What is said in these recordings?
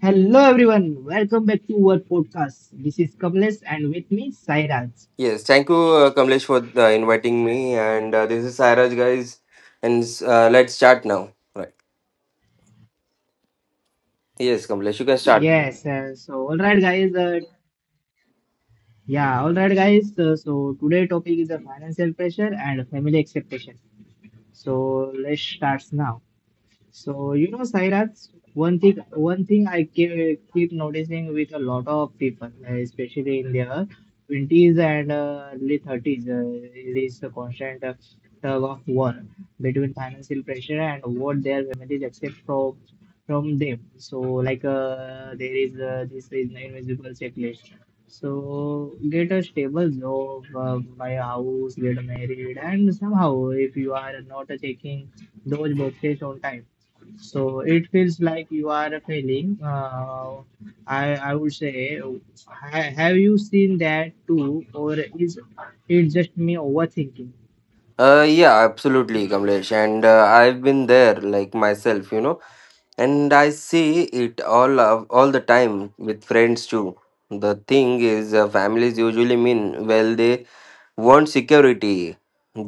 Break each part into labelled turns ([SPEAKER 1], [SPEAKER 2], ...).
[SPEAKER 1] Hello everyone, welcome back to our podcast. This is Kamlesh and with me Sairaj.
[SPEAKER 2] Yes, thank you, Kamlesh, for inviting me. And this is Sairaj, guys. And let's start now. Right. Yes, Kamlesh, you can start.
[SPEAKER 1] Yes, so all right guys, yeah, all right guys. So today topic is the financial pressure and family expectation. So let's start now. So you know, Sairaj, one thing I keep noticing with a lot of people, especially in their twenties and early thirties, is this constant tug of war between financial pressure and what their families accept from them. So like there is this is an invisible checklist. So get a stable job, buy a house, get married, and somehow if you are not taking those birthdays on time. So it feels like you are failing. I would say, have you seen that too, or is it just me overthinking?
[SPEAKER 2] Yeah, absolutely, Kamlesh. And I've been there, like myself. And I see it all the time with friends too. The thing is, families usually mean well. They want security.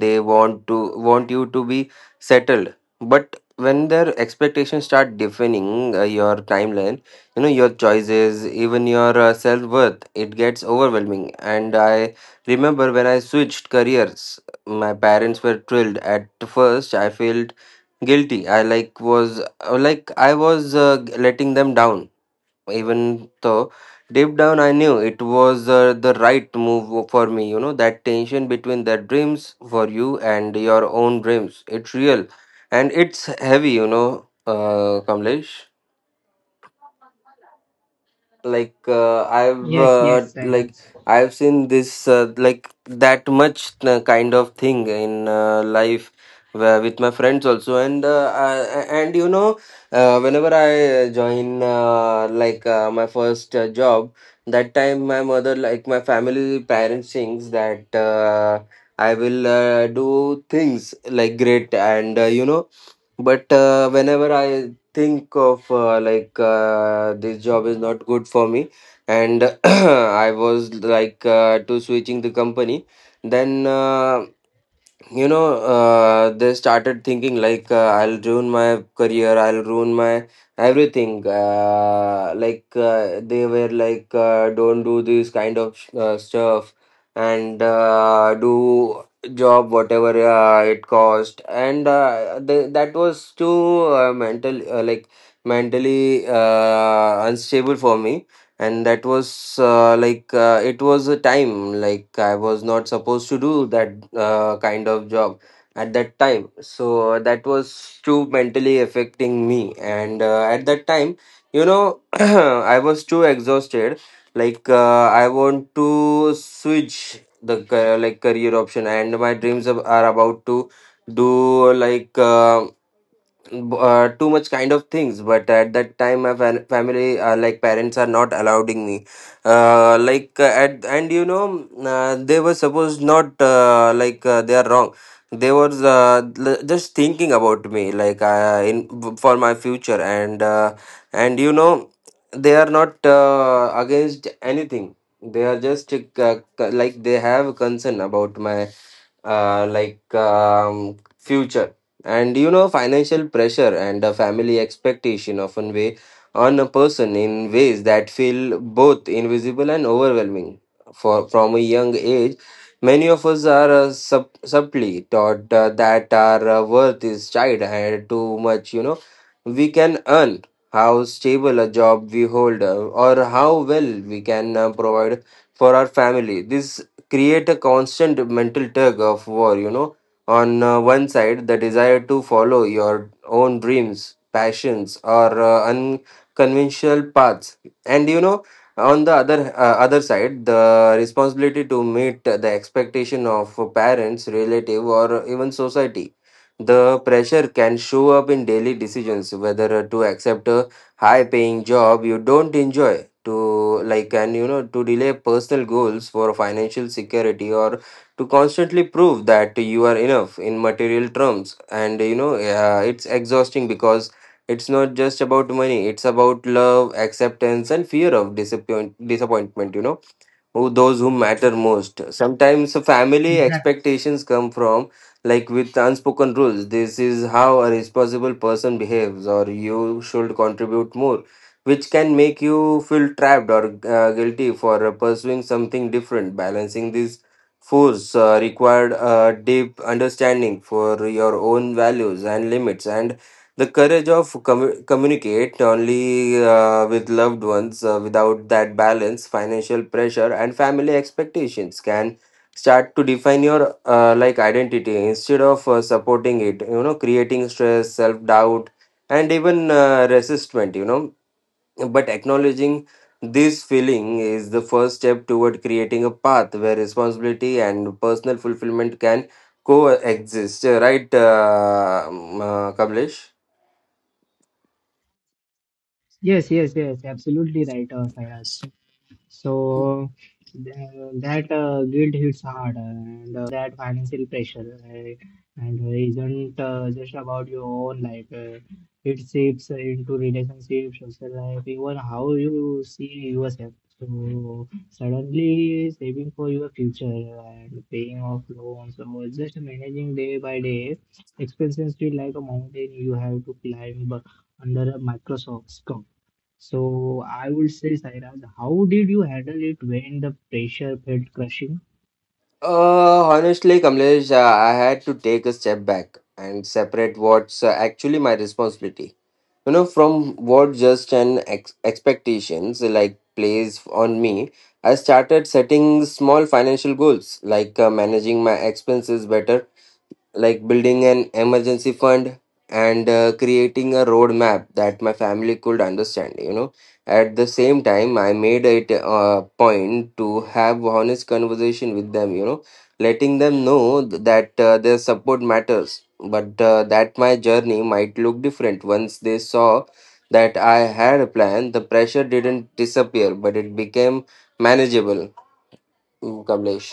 [SPEAKER 2] They want you to be settled, but when their expectations start defining your timeline, your choices, even your self-worth, it gets overwhelming. And I remember when I switched careers, my parents were thrilled. At first I felt guilty, I like was like I was letting them down, even though deep down I knew it was the right move for me. You know, that tension between the dreams for you and your own dreams, it's real and it's heavy, you know, Kamlesh. like uh, i've
[SPEAKER 1] Yes,
[SPEAKER 2] uh,
[SPEAKER 1] yes,
[SPEAKER 2] like
[SPEAKER 1] Sairaj.
[SPEAKER 2] i've seen this like that much kind of thing in life, where with my friends also. And I, and you know whenever I join my first job, that time my mother like my family parents thinks that I will do things like great. And but whenever I think of this job is not good for me, and I was like, to switching the company. Then they started thinking like I'll ruin my career, I'll ruin my everything. They were like don't do this kind of stuff, and do job whatever it cost. And that was too mentally unstable for me. And that was like it was a time like I was not supposed to do that kind of job at that time. So that was too mentally affecting me. And at that time, you know, I was too exhausted. Like I want to switch the career option, and my dreams are about to do like too much kind of things. But at that time my fam- family like parents are not allowing me, like at and they were supposed not they are wrong. They were just thinking about me, like in for my future. And they are not against anything. They are just they have concern about my future and, you know, financial pressure and a family expectation often weigh on a person in ways that feel both invisible and overwhelming. For from a young age, many of us are subtly taught that our worth is tied to much, you know, we can earn, how stable a job we hold, or how well we can provide for our family. This create a constant mental tug of war, you know. On one side, the desire to follow your own dreams, passions, or unconventional paths, and, you know, on the other side, the responsibility to meet the expectation of parents, relative, or even society. The pressure can show up in daily decisions, whether to accept a high-paying job you don't enjoy, to like, and you know, to delay personal goals for financial security, or to constantly prove that you are enough in material terms. And, you know, it's exhausting because it's not just about money, it's about love, acceptance, and fear of disappointment, you know, who those who matter most. Sometimes family
[SPEAKER 1] Exact-
[SPEAKER 2] expectations come from like with unspoken rules. "This is how a responsible person behaves," or "you should contribute more," which can make you feel trapped or guilty for pursuing something different. Balancing these force required a deep understanding for your own values and limits, and the courage of communicate only with loved ones. Without that balance, financial pressure and family expectations can start to define your identity instead of supporting it, you know, creating stress, self doubt, and even resistment, you know. But acknowledging this feeling is the first step toward creating a path where responsibility and personal fulfillment can coexist. Right. Kamlesh
[SPEAKER 1] Yes, yes, yes, absolutely right, Sairaj. So th- that guilt hits hard, and what's the trick is that financial pressure, and isn't just about your own life. It seeps into relationships, social life, even how you see yourself. So suddenly saving for your future and paying off loans or just managing day by day expenses feel like a mountain you have to climb under a Microsoft scope. So I would say, Sairaj, how did you handle it when the pressure felt crushing?
[SPEAKER 2] Honestly, Kamlesh, I had to take a step back and separate what's actually my responsibility, you know, from what just an expectations like plays on me. I started setting small financial goals, like managing my expenses better, like building an emergency fund, and creating a roadmap that my family could understand. You know, at the same time I made it a point to have honest conversation with them, you know, letting them know that their support matters, but that my journey might look different. Once they saw that I had a plan, the pressure didn't disappear, but it became manageable. Mm, Kamlesh.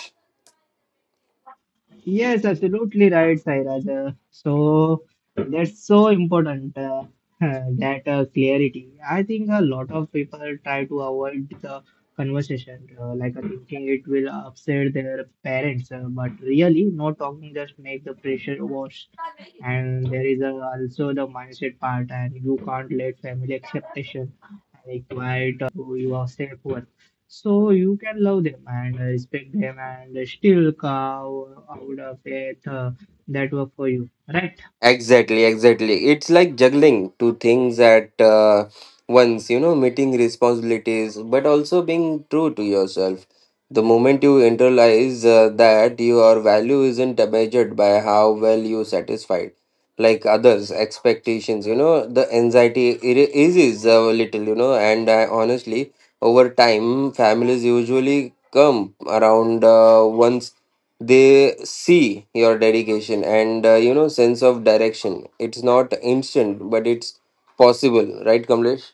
[SPEAKER 1] Yes, absolutely right, Sairaj. So that's so important, that clarity. I think a lot of people try to avoid the conversation, like thinking it will upset their parents, but really, not talking just make the pressure worse. And there is a also the mindset part, and you can't let family expectation require to yourself so you can love them and respect them and still carve out a path that work for you, right?
[SPEAKER 2] Exactly, exactly. It's like juggling two things at once, you know, meeting responsibilities, but also being true to yourself. The moment you internalize that your value isn't measured by how well you satisfied, like others' expectations, you know, the anxiety it eases a little. You know, honestly, over time, families usually come around once they see your dedication and, you know, sense of direction. It's not instant, but it's possible. Right, Kamlesh?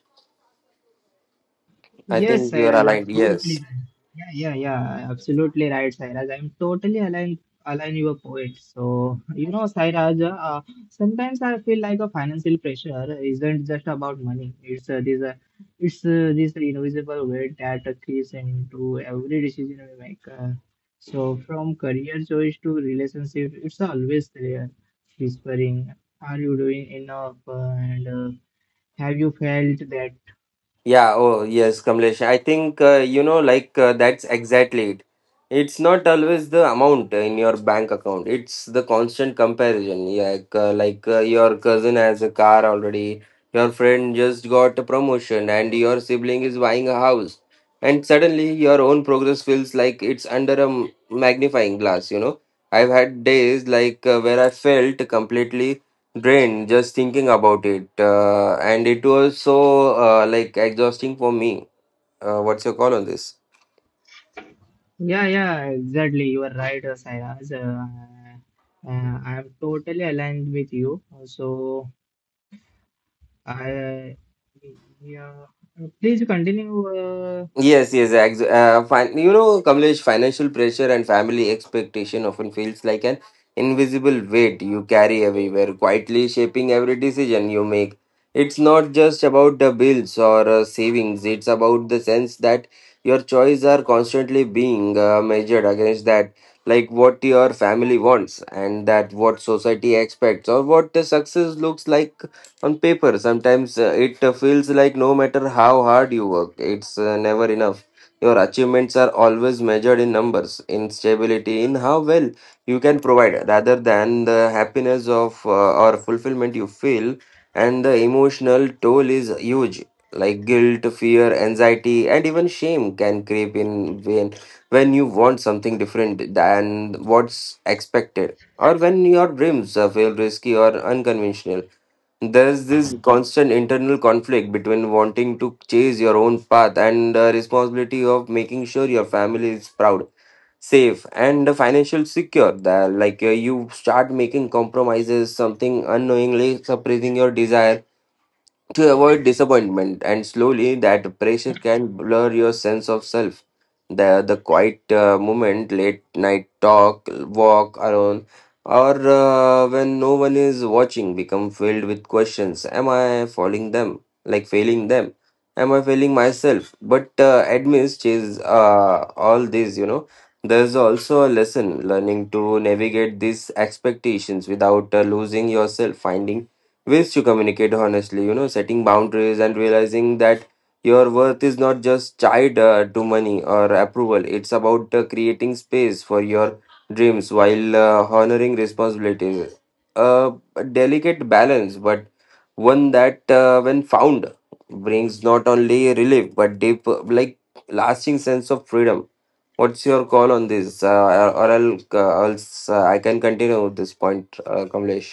[SPEAKER 2] I
[SPEAKER 1] Yes,
[SPEAKER 2] think you are
[SPEAKER 1] Sairaj,
[SPEAKER 2] aligned. Yes.
[SPEAKER 1] absolutely right. Yeah, yeah, yeah, absolutely right, Sairaj. I'm totally aligned, align your point. So, you know, Sairaj, sometimes I feel like a financial pressure isn't just about money. It's this invisible weight that creeps into every decision we make. So, from career choice to relationship, it's always there, whispering, "Are you doing enough?" And have you felt that?
[SPEAKER 2] Yeah, oh yes, Kamlesh. I think that's exactly it. It's not always the amount in your bank account. It's the constant comparison. Yeah, like, your cousin has a car already, your friend just got a promotion, and your sibling is buying a house. And suddenly, your own progress feels like it's under a magnifying glass. You know, I've had days where I felt completely drained just thinking about it, and it was so exhausting for me. What's your call on this?
[SPEAKER 1] Yeah, yeah, exactly. You are right, Sairaj. I am totally aligned with you. So, I, yeah, please continue.
[SPEAKER 2] Yes, yes, Kamlesh, financial pressure and family expectation often feels like an invisible weight you carry everywhere, quietly shaping every decision you make. It's not just about the bills or savings, it's about the sense that your choices are constantly being measured against that, like what your family wants and that what society expects, or what the success looks like on paper. Sometimes it feels like no matter how hard you work it's never enough. Your achievements are always measured in numbers, in stability, in how well you can provide, rather than the happiness of or fulfillment you feel. And the emotional toll is huge, like guilt, fear, anxiety, and even shame can creep in when when you want something different than what's expected, or when your dreams feel risky or unconventional. There's this constant internal conflict between wanting to chase your own path and the responsibility of making sure your family is proud, safe, and financially secure, that you start making compromises, something unknowingly suppressing your desire to avoid disappointment, and slowly that pressure can blur your sense of self. The quiet moment, late night talk, walk around, or when no one is watching, become filled with questions. Am I following them? Like failing them? Am I failing myself? But amidst is all this, you know, there's also a lesson, learning to navigate these expectations without losing yourself, finding ways to communicate honestly, you know, setting boundaries, and realizing that your worth is not just tied to money or approval. It's about creating space for your dreams while honoring responsibilities, a delicate balance, but one that when found brings not only relief but deep lasting sense of freedom. What's your call on this, or I can continue with this point, Kamlesh?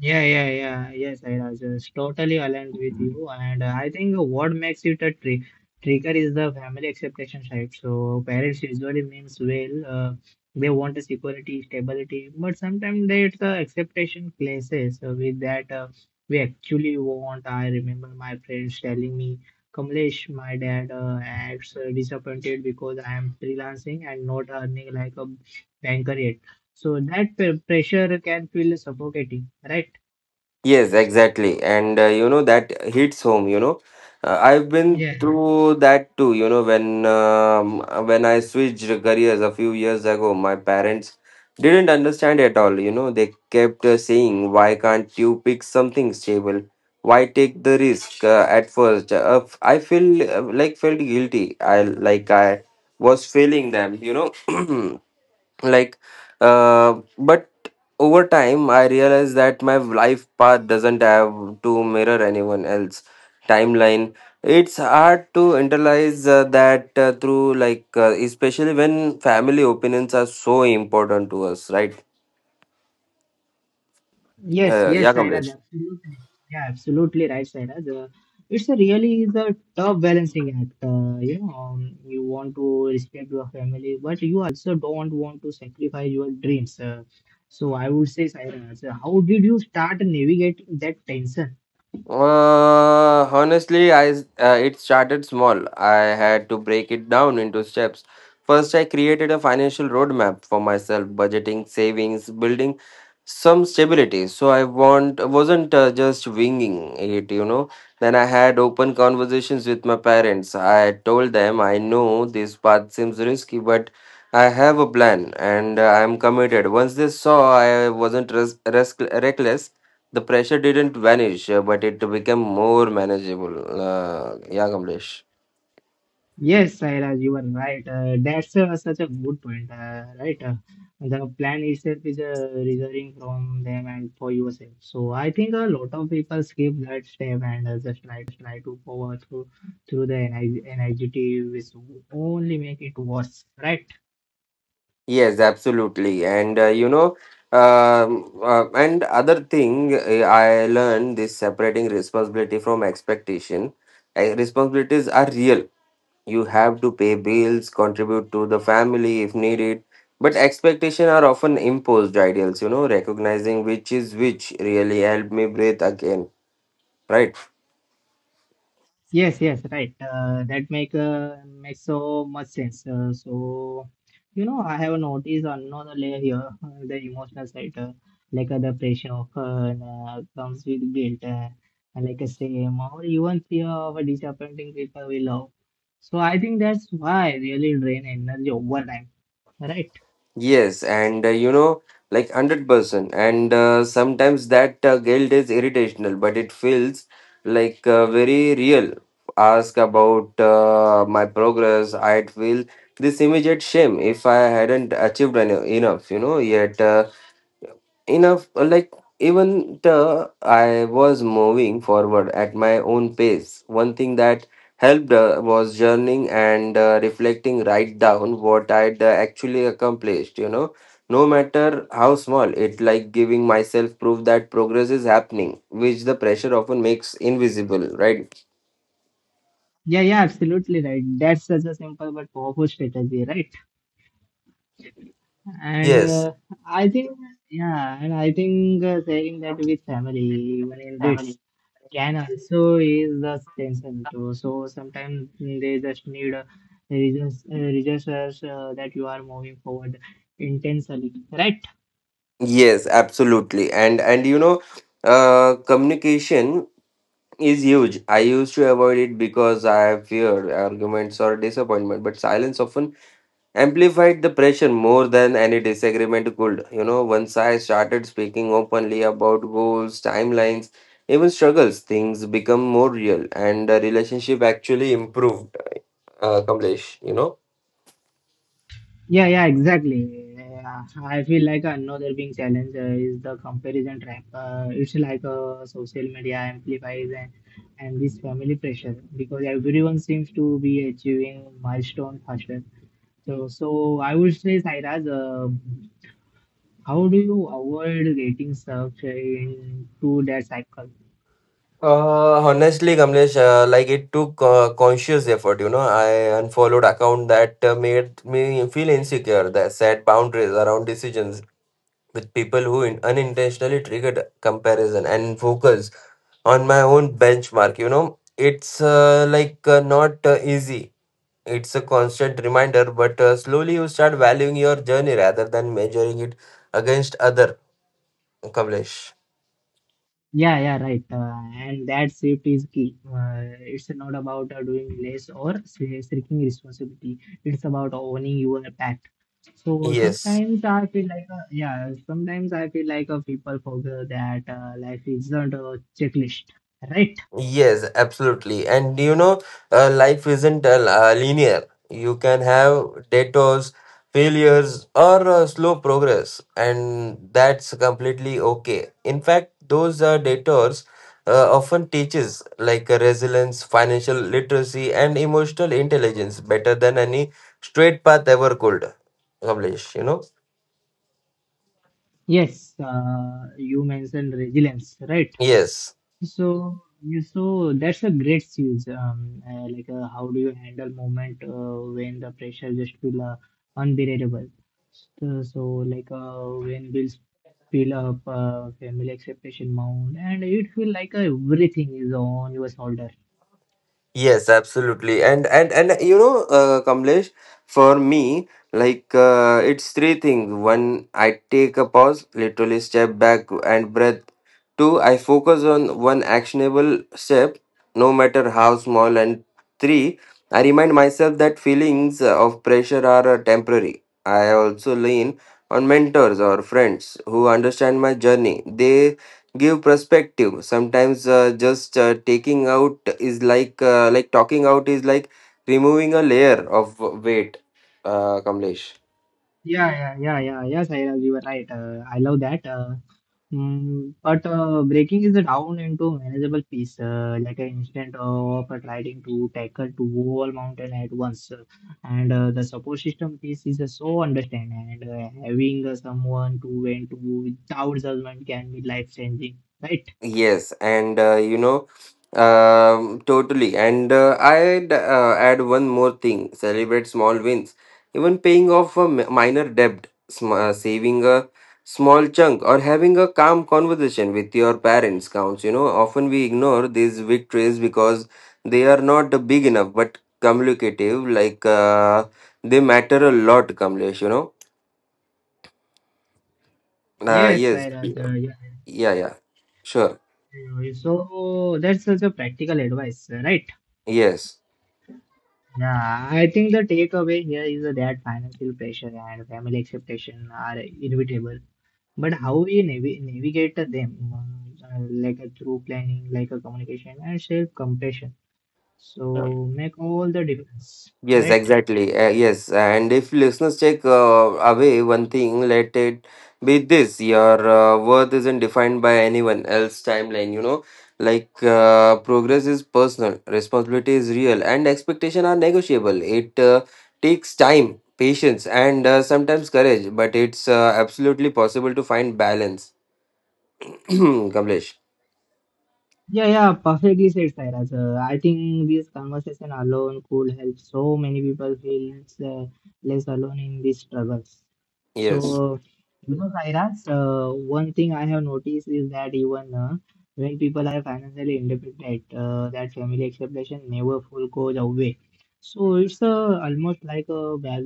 [SPEAKER 1] Yeah, yeah, yeah. Yes, I just totally aligned with you. And I think what makes it a trigger is the family expectation type. So parents usually means well, they want a security, stability, but sometimes there's expectation clashes with that we actually want. I remember my friends telling me, Kamlesh, my dad acts disappointed because I am freelancing and not earning like a banker yet. So that p pressure can feel suffocating, right?
[SPEAKER 2] Yes, exactly. And, you know, that hits home, you know. I've been
[SPEAKER 1] Yeah.
[SPEAKER 2] through that too, you know, when I switched careers a few years ago, my parents didn't understand at all, you know. They kept saying, "Why can't you pick something stable? Why take the risk at first?" I feel like felt guilty. I was failing them, you know. like but over time I realized that my life path doesn't have to mirror anyone else timeline. It's hard to internalize that through like especially when family opinions are so important to us. Right.
[SPEAKER 1] Yes,
[SPEAKER 2] Yeah,
[SPEAKER 1] yes, Sairaj,
[SPEAKER 2] Kamlesh.
[SPEAKER 1] absolutely. Yeah, absolutely right, Sairaj. It's a really is a tough balancing act. You know, you want to respect your family, but you also don't want to sacrifice your dreams. So I would say, Sairaj, how did you start navigating that tension?
[SPEAKER 2] Honestly, it started small. I had to break it down into steps. First, I created a financial roadmap for myself, budgeting, savings, building some stability. So I want wasn't just winging it. Then I had open conversations with my parents. I told them, I know this path seems risky, but I have a plan and I'm committed. Once they saw I wasn't reckless, the pressure didn't vanish, but it became more manageable. Yeah, Kamlesh.
[SPEAKER 1] Yes, Sairaj, you are right. That's such a good point, right? The plan itself is resulting from them and for yourself. So I think a lot of people skip that step and just try to power through the energy which only make it worse, right?
[SPEAKER 2] Yes, absolutely. And other thing, I learned this: separating responsibility from expectation. Responsibilities are real. You have to pay bills, contribute to the family if needed. But expectation are often imposed ideals. Recognizing which is which really helped me breathe again. Right.
[SPEAKER 1] Yes, yes, right. That makes so much sense. So, you know, I have noticed another layer here, the emotional side, like the pressure of, comes with guilt, and like I say, or even fear of disappointing people we love. So I think that's why really drain energy over time, right?
[SPEAKER 2] Yes, and like 100%. And sometimes that guilt is irritational, but it feels like very real. Ask about my progress, I'd feel this immediate shame if I hadn't achieved any, enough. Yet, enough, like, even the I was moving forward at my own pace. One thing that helped was journaling and reflecting, right down what I'd actually accomplished, no matter how small it, like giving myself proof that progress is happening, which the pressure often makes invisible. Right.
[SPEAKER 1] Yeah, yeah, absolutely right. That's such a simple but powerful strategy, right? And
[SPEAKER 2] Yes.
[SPEAKER 1] I think, yeah, and I think sharing that with family, even in bits, can also ease the tension too. So sometimes they just need reasons that you are moving forward intentionally, right?
[SPEAKER 2] Yes, absolutely. And communication is huge. I used to avoid it because I feared arguments or disappointment, but silence often amplified the pressure more than any disagreement could. Once I started speaking openly about goals, timelines, even struggles, things become more real and the relationship actually improved, Kamlesh.
[SPEAKER 1] Yeah, yeah, exactly. Yeah, I feel like another big challenge is the comparison trap. It's like social media amplifies and this family pressure because everyone seems to be achieving milestone faster. So I would say, Sairaj, how do you avoid getting stuck into that cycle?
[SPEAKER 2] Honestly, Kamlesh, like it took conscious effort. I unfollowed account that made me feel insecure, that set boundaries around decisions with people who in, unintentionally triggered comparison, and focus on my own benchmark. It's like not easy. It's a constant reminder, but slowly you start valuing your journey rather than measuring it against other. Kamlesh.
[SPEAKER 1] Yeah, yeah, right. And that shift is key. It's not about doing less or shrinking responsibility. It's about owning your path. So
[SPEAKER 2] Yes.
[SPEAKER 1] sometimes I feel like people forget that life isn't a checklist, right?
[SPEAKER 2] Yes, absolutely. And life isn't linear. You can have detours, failures, or slow progress, and that's completely okay. In fact, those detours often teaches, like resilience, financial literacy, and emotional intelligence better than any straight path ever could, Publish.
[SPEAKER 1] Yes, you mentioned resilience, right?
[SPEAKER 2] Yes.
[SPEAKER 1] So that's a great skills. Like how do you handle moment when the pressure just feel unbearable? So like when bills fill up, family expectation mount, and it feel like everything is on your shoulder.
[SPEAKER 2] Yes, absolutely. And Kamlesh, for me, like it's three things. One, I take a pause, literally step back and breath. Two, I focus on one actionable step, no matter how small. And three, I remind myself that feelings of pressure are temporary. I also lean on mentors or friends who understand my journey. They give perspective. Sometimes just taking out is like talking out is like removing a layer of weight, Kamlesh.
[SPEAKER 1] Yeah, yeah, yeah, yeah. Yes, I you were right. I love that. But breaking is down into manageable piece, like an instant of trying to tackle two whole mountain at once. And the support system piece is so understand, and having someone to vent to without judgment can be life changing, right?
[SPEAKER 2] Yes, and totally. And I'd add one more thing: celebrate small wins, even paying off a minor debt, saving a small chunk, or having a calm conversation with your parents counts. Often we ignore these victories because they are not big enough, but cumulative, like they matter a lot, Kamlesh.
[SPEAKER 1] Yes,
[SPEAKER 2] Yes.
[SPEAKER 1] Sairaj, yeah,
[SPEAKER 2] Yeah. Yeah. Sure.
[SPEAKER 1] yeah, so that's such a practical advice, right?
[SPEAKER 2] Yes.
[SPEAKER 1] Yeah, I think the takeaway here is that financial pressure and family expectation are inevitable, but how we navigate them, like a through planning, like a communication and self compassion. So make all the difference,
[SPEAKER 2] Yes,
[SPEAKER 1] right?
[SPEAKER 2] exactly. Yes, and if listeners take away one thing, let it be this: your worth isn't defined by anyone else's timeline. Like progress is personal, responsibility is real, and expectation are negotiable. It takes time, patience, and sometimes courage, but it's absolutely possible to find balance. Kamlesh,
[SPEAKER 1] Yeah, yeah, perfectly said, Sairaj. I think this conversation alone could help so many people feel uh, less alone in these struggles.
[SPEAKER 2] yes.
[SPEAKER 1] So, you know, Sairaj, one thing I have noticed is that even when people are financially independent, that family expectation never full goes away. So it's almost like a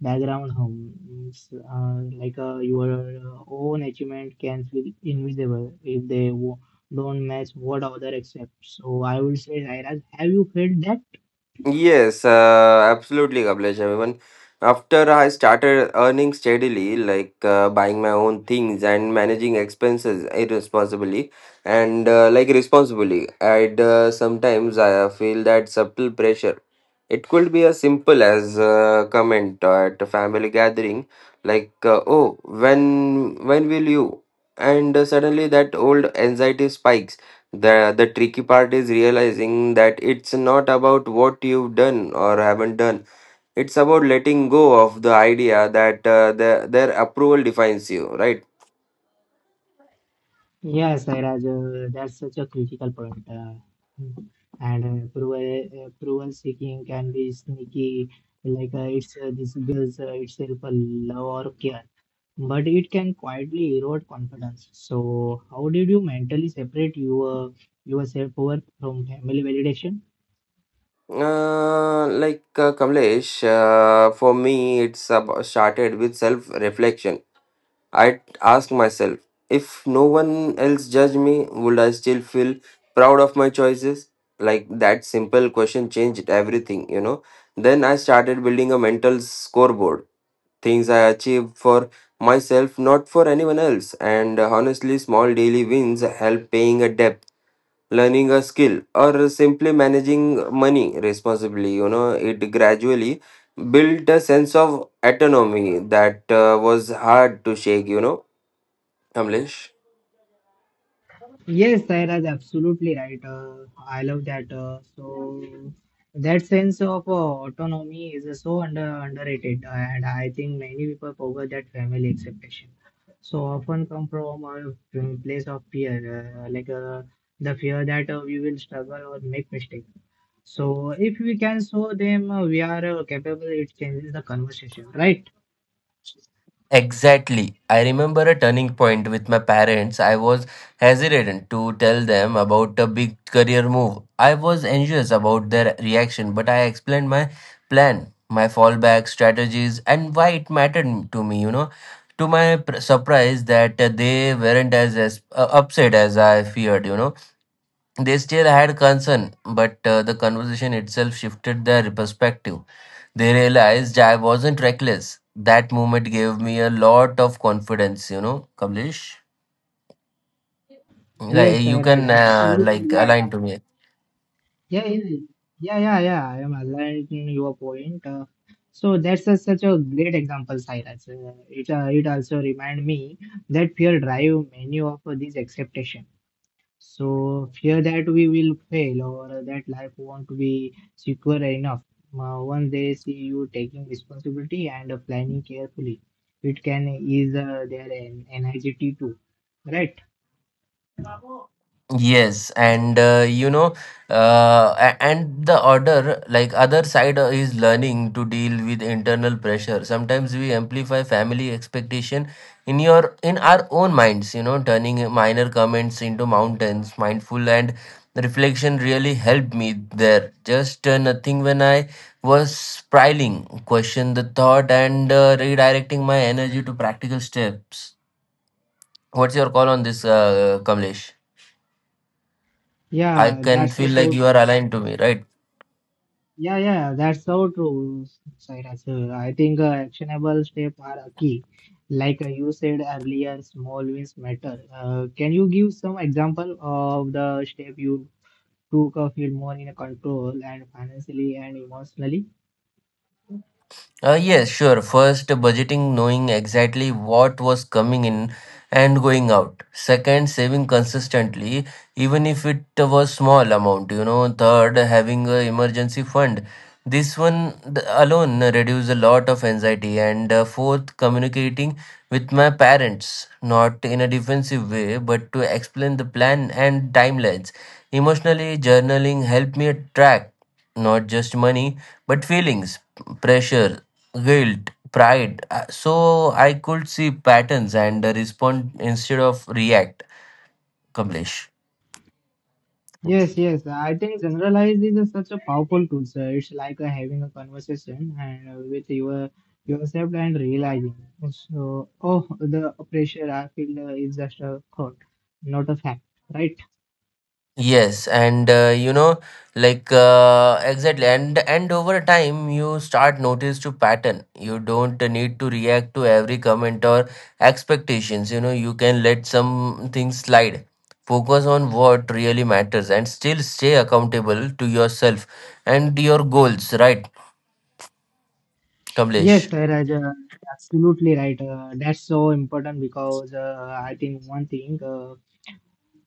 [SPEAKER 1] background hum. It's like your own achievement can feel invisible if they don't match what other accept. So I would say, Sairaj, have you felt that?
[SPEAKER 2] Yes, absolutely, Kamlesh. Even after I started earning steadily, like buying my own things and managing expenses irresponsibly, and like responsibly, I'd sometimes I feel that subtle pressure. It could be as simple as a comment at a family gathering, like "Oh, when will you?" And suddenly that old anxiety spikes. the The tricky part is realizing that it's not about what you've done or haven't done. It's about letting go of the idea that their approval defines you, right?
[SPEAKER 1] Yes, Sairaj, that's such a critical point. And approval seeking can be sneaky, like it's this girl's itself a love or care, but it can quietly erode confidence. So how did you mentally separate your self worth from family validation?
[SPEAKER 2] Like Kamlesh, for me, it's about started with self reflection. I would ask myself, if no one else judged me, would I still feel proud of my choices? Like that simple question changed everything, Then I started building a mental scoreboard, things I achieved for myself, not for anyone else. And honestly, small daily wins help paying a debt, learning a skill, or simply managing money responsibly, It gradually built a sense of autonomy that was hard to shake, Kamlesh?
[SPEAKER 1] Yes, Sairaj, absolutely right. I love that. So that sense of autonomy is so underrated, and I think many people forget that family expectation. So often come from a place of fear, like the fear that we will struggle or make mistake. So if we can show them we are capable, it changes the conversation, right?
[SPEAKER 2] Exactly. I remember a turning point with my parents. I was hesitant to tell them about a big career move. I was anxious about their reaction, but I explained my plan, my fallback strategies, and why it mattered to me, To my surprise, that they weren't as, upset as I feared, They still had concern, but the conversation itself shifted their perspective. They realized I wasn't reckless. That moment gave me a lot of confidence, Kamlesh.
[SPEAKER 1] Yes,
[SPEAKER 2] Like you
[SPEAKER 1] Sairaj,
[SPEAKER 2] can
[SPEAKER 1] absolutely.
[SPEAKER 2] like
[SPEAKER 1] Yeah,
[SPEAKER 2] align to me.
[SPEAKER 1] yeah, yeah, yeah, yeah. Yeah, I am aligned in your point. So that's a, such a great example, Cyrus. It also remind me that fear drive many of these expectation. So fear that we will fail or that life won't be secure enough. Once they see you taking responsibility and planning carefully, it can ease their anxiety too. Right?
[SPEAKER 2] Yes, and and the other, like other side is learning to deal with internal pressure. Sometimes we amplify family expectation in your in our own minds. Turning minor comments into mountains. Mindful and reflection really helped me there. Just nothing when I was spiraling, question the thoughts I
[SPEAKER 1] Yeah, that's so true.
[SPEAKER 2] right.
[SPEAKER 1] Yeah, yeah, that's so true, Cyrus. I think actionable steps are a key. Like you said earlier, small wins matter. Can you give some example of the step you took of feel more in a control and financially and emotionally?
[SPEAKER 2] Yes, sure. First, budgeting, knowing exactly what was coming in and going out. Second, saving consistently, even if it was small amount. Third, having a emergency fund. This one alone reduce a lot of anxiety. And fourth, communicating with my parents, not in a defensive way, but to explain the plan and timelines. Emotionally, journaling helped me track not just money but feelings, pressure, guilt, pride. So I could see patterns and respond instead of react, Kamlesh.
[SPEAKER 1] Yes, yes. I think generalize is a, such a powerful tool, sir. It's like having a conversation and with your yourself and realizing. So, oh, the pressure I feel is just a thought, not a fact, right?
[SPEAKER 2] Yes, and exactly, and over time you start notice to pattern. You don't need to react to every comment or expectations. You can let some things slide. Focus on what really matters and still stay accountable to yourself and your goals, right,
[SPEAKER 1] Yes,
[SPEAKER 2] Kamlesh?
[SPEAKER 1] Sairaj, absolutely right. That's so important because I think one thing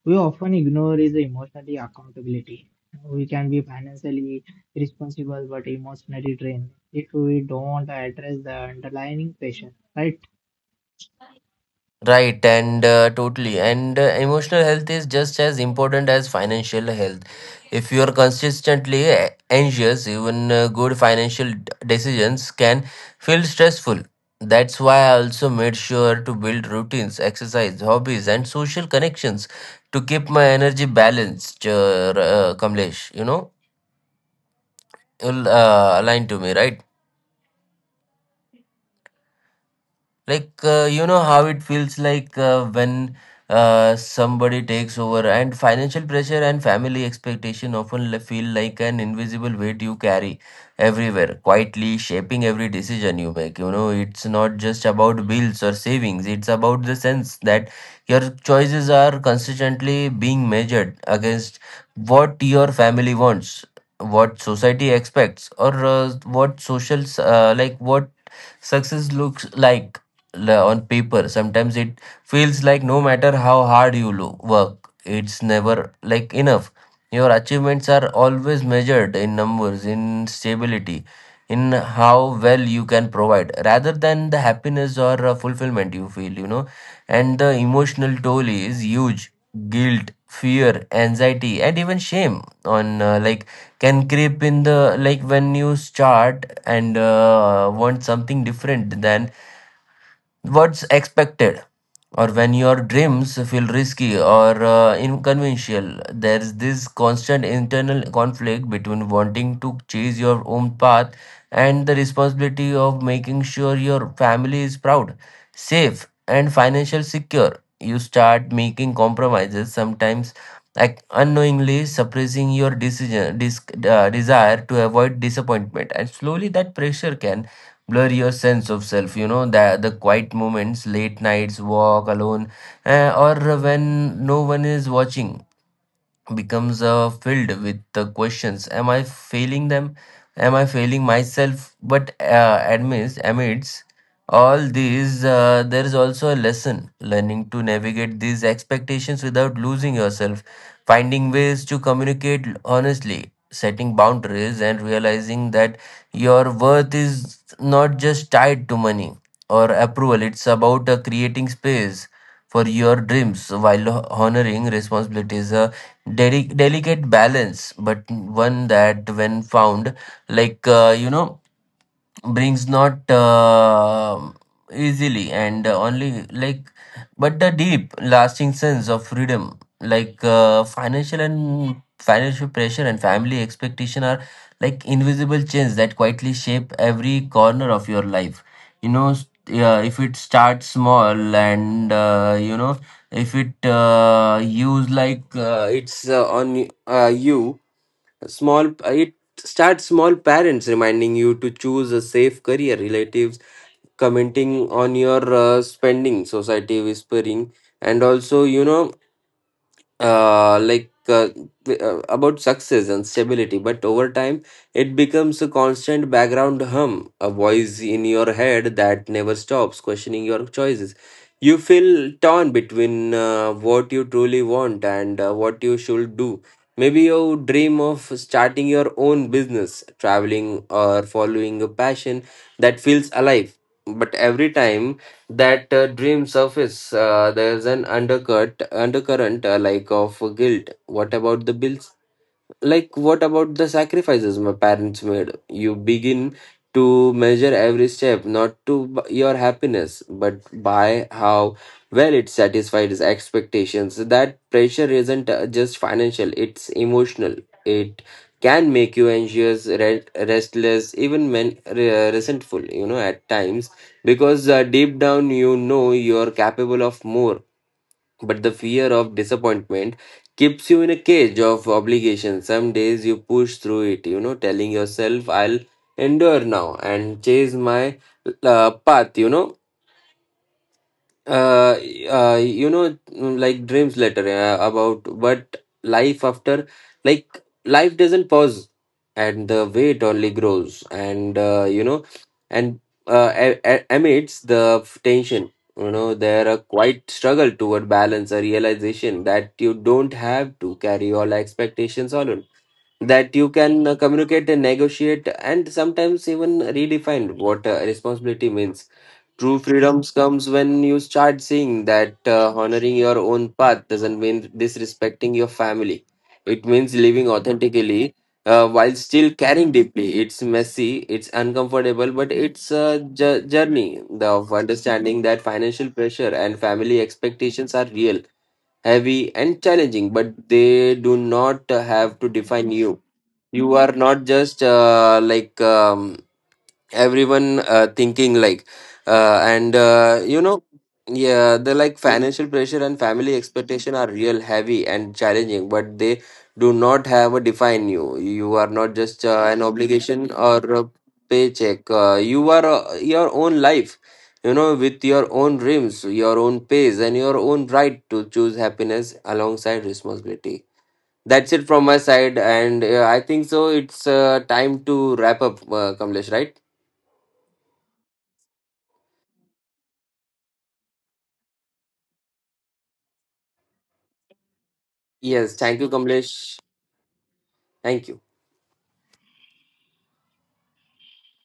[SPEAKER 1] we often ignore is emotionally accountability. We can be financially responsible but emotionally drained if we don't address the underlying pressure, right?
[SPEAKER 2] Right, and totally. And emotional health is just as important as financial health. If you are consistently anxious, even good financial decisions can feel stressful. That's why I also made sure to build routines, exercise, hobbies, and social connections to keep my energy balanced. Kamlesh, you align to me, right? Like how it feels like when somebody takes over. And financial pressure and family expectation often feel like an invisible weight you carry everywhere, quietly shaping every decision you make. It's not just about bills or savings, it's about the sense that your choices are consistently being measured against what your family wants, what society expects, or what social like what success looks like la- on paper. Sometimes it feels like no matter how hard you work, it's never like enough. Your achievements are always measured in numbers, in stability, in how well you can provide, rather than the happiness or fulfillment you feel, And the emotional toll is huge: guilt, fear, anxiety, and even shame on like can creep in, the like when you start and want something different than what's expected, or when your dreams feel risky or inconventional. There's this constant internal conflict between wanting to chase your own path and the responsibility of making sure your family is proud, safe, and financially secure. You start making compromises, sometimes like unknowingly suppressing your desire to avoid disappointment. And slowly that pressure can blur your sense of self. The quiet moments, late nights walk alone, or when no one is watching, becomes filled with the questions: am I failing them, am I failing myself? But amidst all these there is also a lesson: learning to navigate these expectations without losing yourself, finding ways to communicate honestly, setting boundaries, and realizing that your worth is not just tied to money or approval. It's about creating space for your dreams while honoring responsibilities. Delicate balance, but one that, when found, like, brings not easily and only like, but a deep lasting sense of freedom. Like financial and financial pressure and family expectation are like invisible chains that quietly shape every corner of your life. Yeah, if it starts small, and if it use like it's on you small. It starts small: parents reminding you to choose a safe career, relatives commenting on your spending, society whispering, and also, uh, like uh, about success and stability. But over time it becomes a constant background hum, a voice in your head that never stops questioning your choices. You feel torn between what you truly want and what you should do. Maybe you dream of starting your own business, traveling, or following a passion that feels alive. But every time that dream surface, there's an undercurrent like of guilt. What about the bills? Like what about the sacrifices my parents made? You begin to measure every step not to b- your happiness but by how well it satisfied his expectations. That pressure isn't just financial, it's emotional. It can make you anxious, restless, even resentful, at times, because deep down you know you're capable of more, but the fear of disappointment keeps you in a cage of obligation. Some days you push through it, Telling yourself I'll endure now and chase my path, uh, dreams later, about but life after, like life doesn't pause and the weight only grows. And and amidst the tension, there are quite struggle toward balance, a realization that you don't have to carry all expectations alone, that you can communicate and negotiate and sometimes even redefine what responsibility means. True freedoms comes when you start seeing that honoring your own path doesn't mean disrespecting your family. It means living authentically while still caring deeply. It's messy, it's uncomfortable, but it's a journey of understanding that financial pressure and family expectations are real, heavy, and challenging, but they do not have to define you. You are not just like. Everyone thinking like, and yeah, the like financial pressure and family expectation are real, heavy, and challenging, but they do not have a define you. You are not just an obligation or a paycheck. You are your own life, With your own dreams, your own pace, and your own right to choose happiness alongside responsibility. That's it from my side, and I think so it's time to wrap up, Kamlesh, right? Yes, thank you, Kamlesh. Thank you.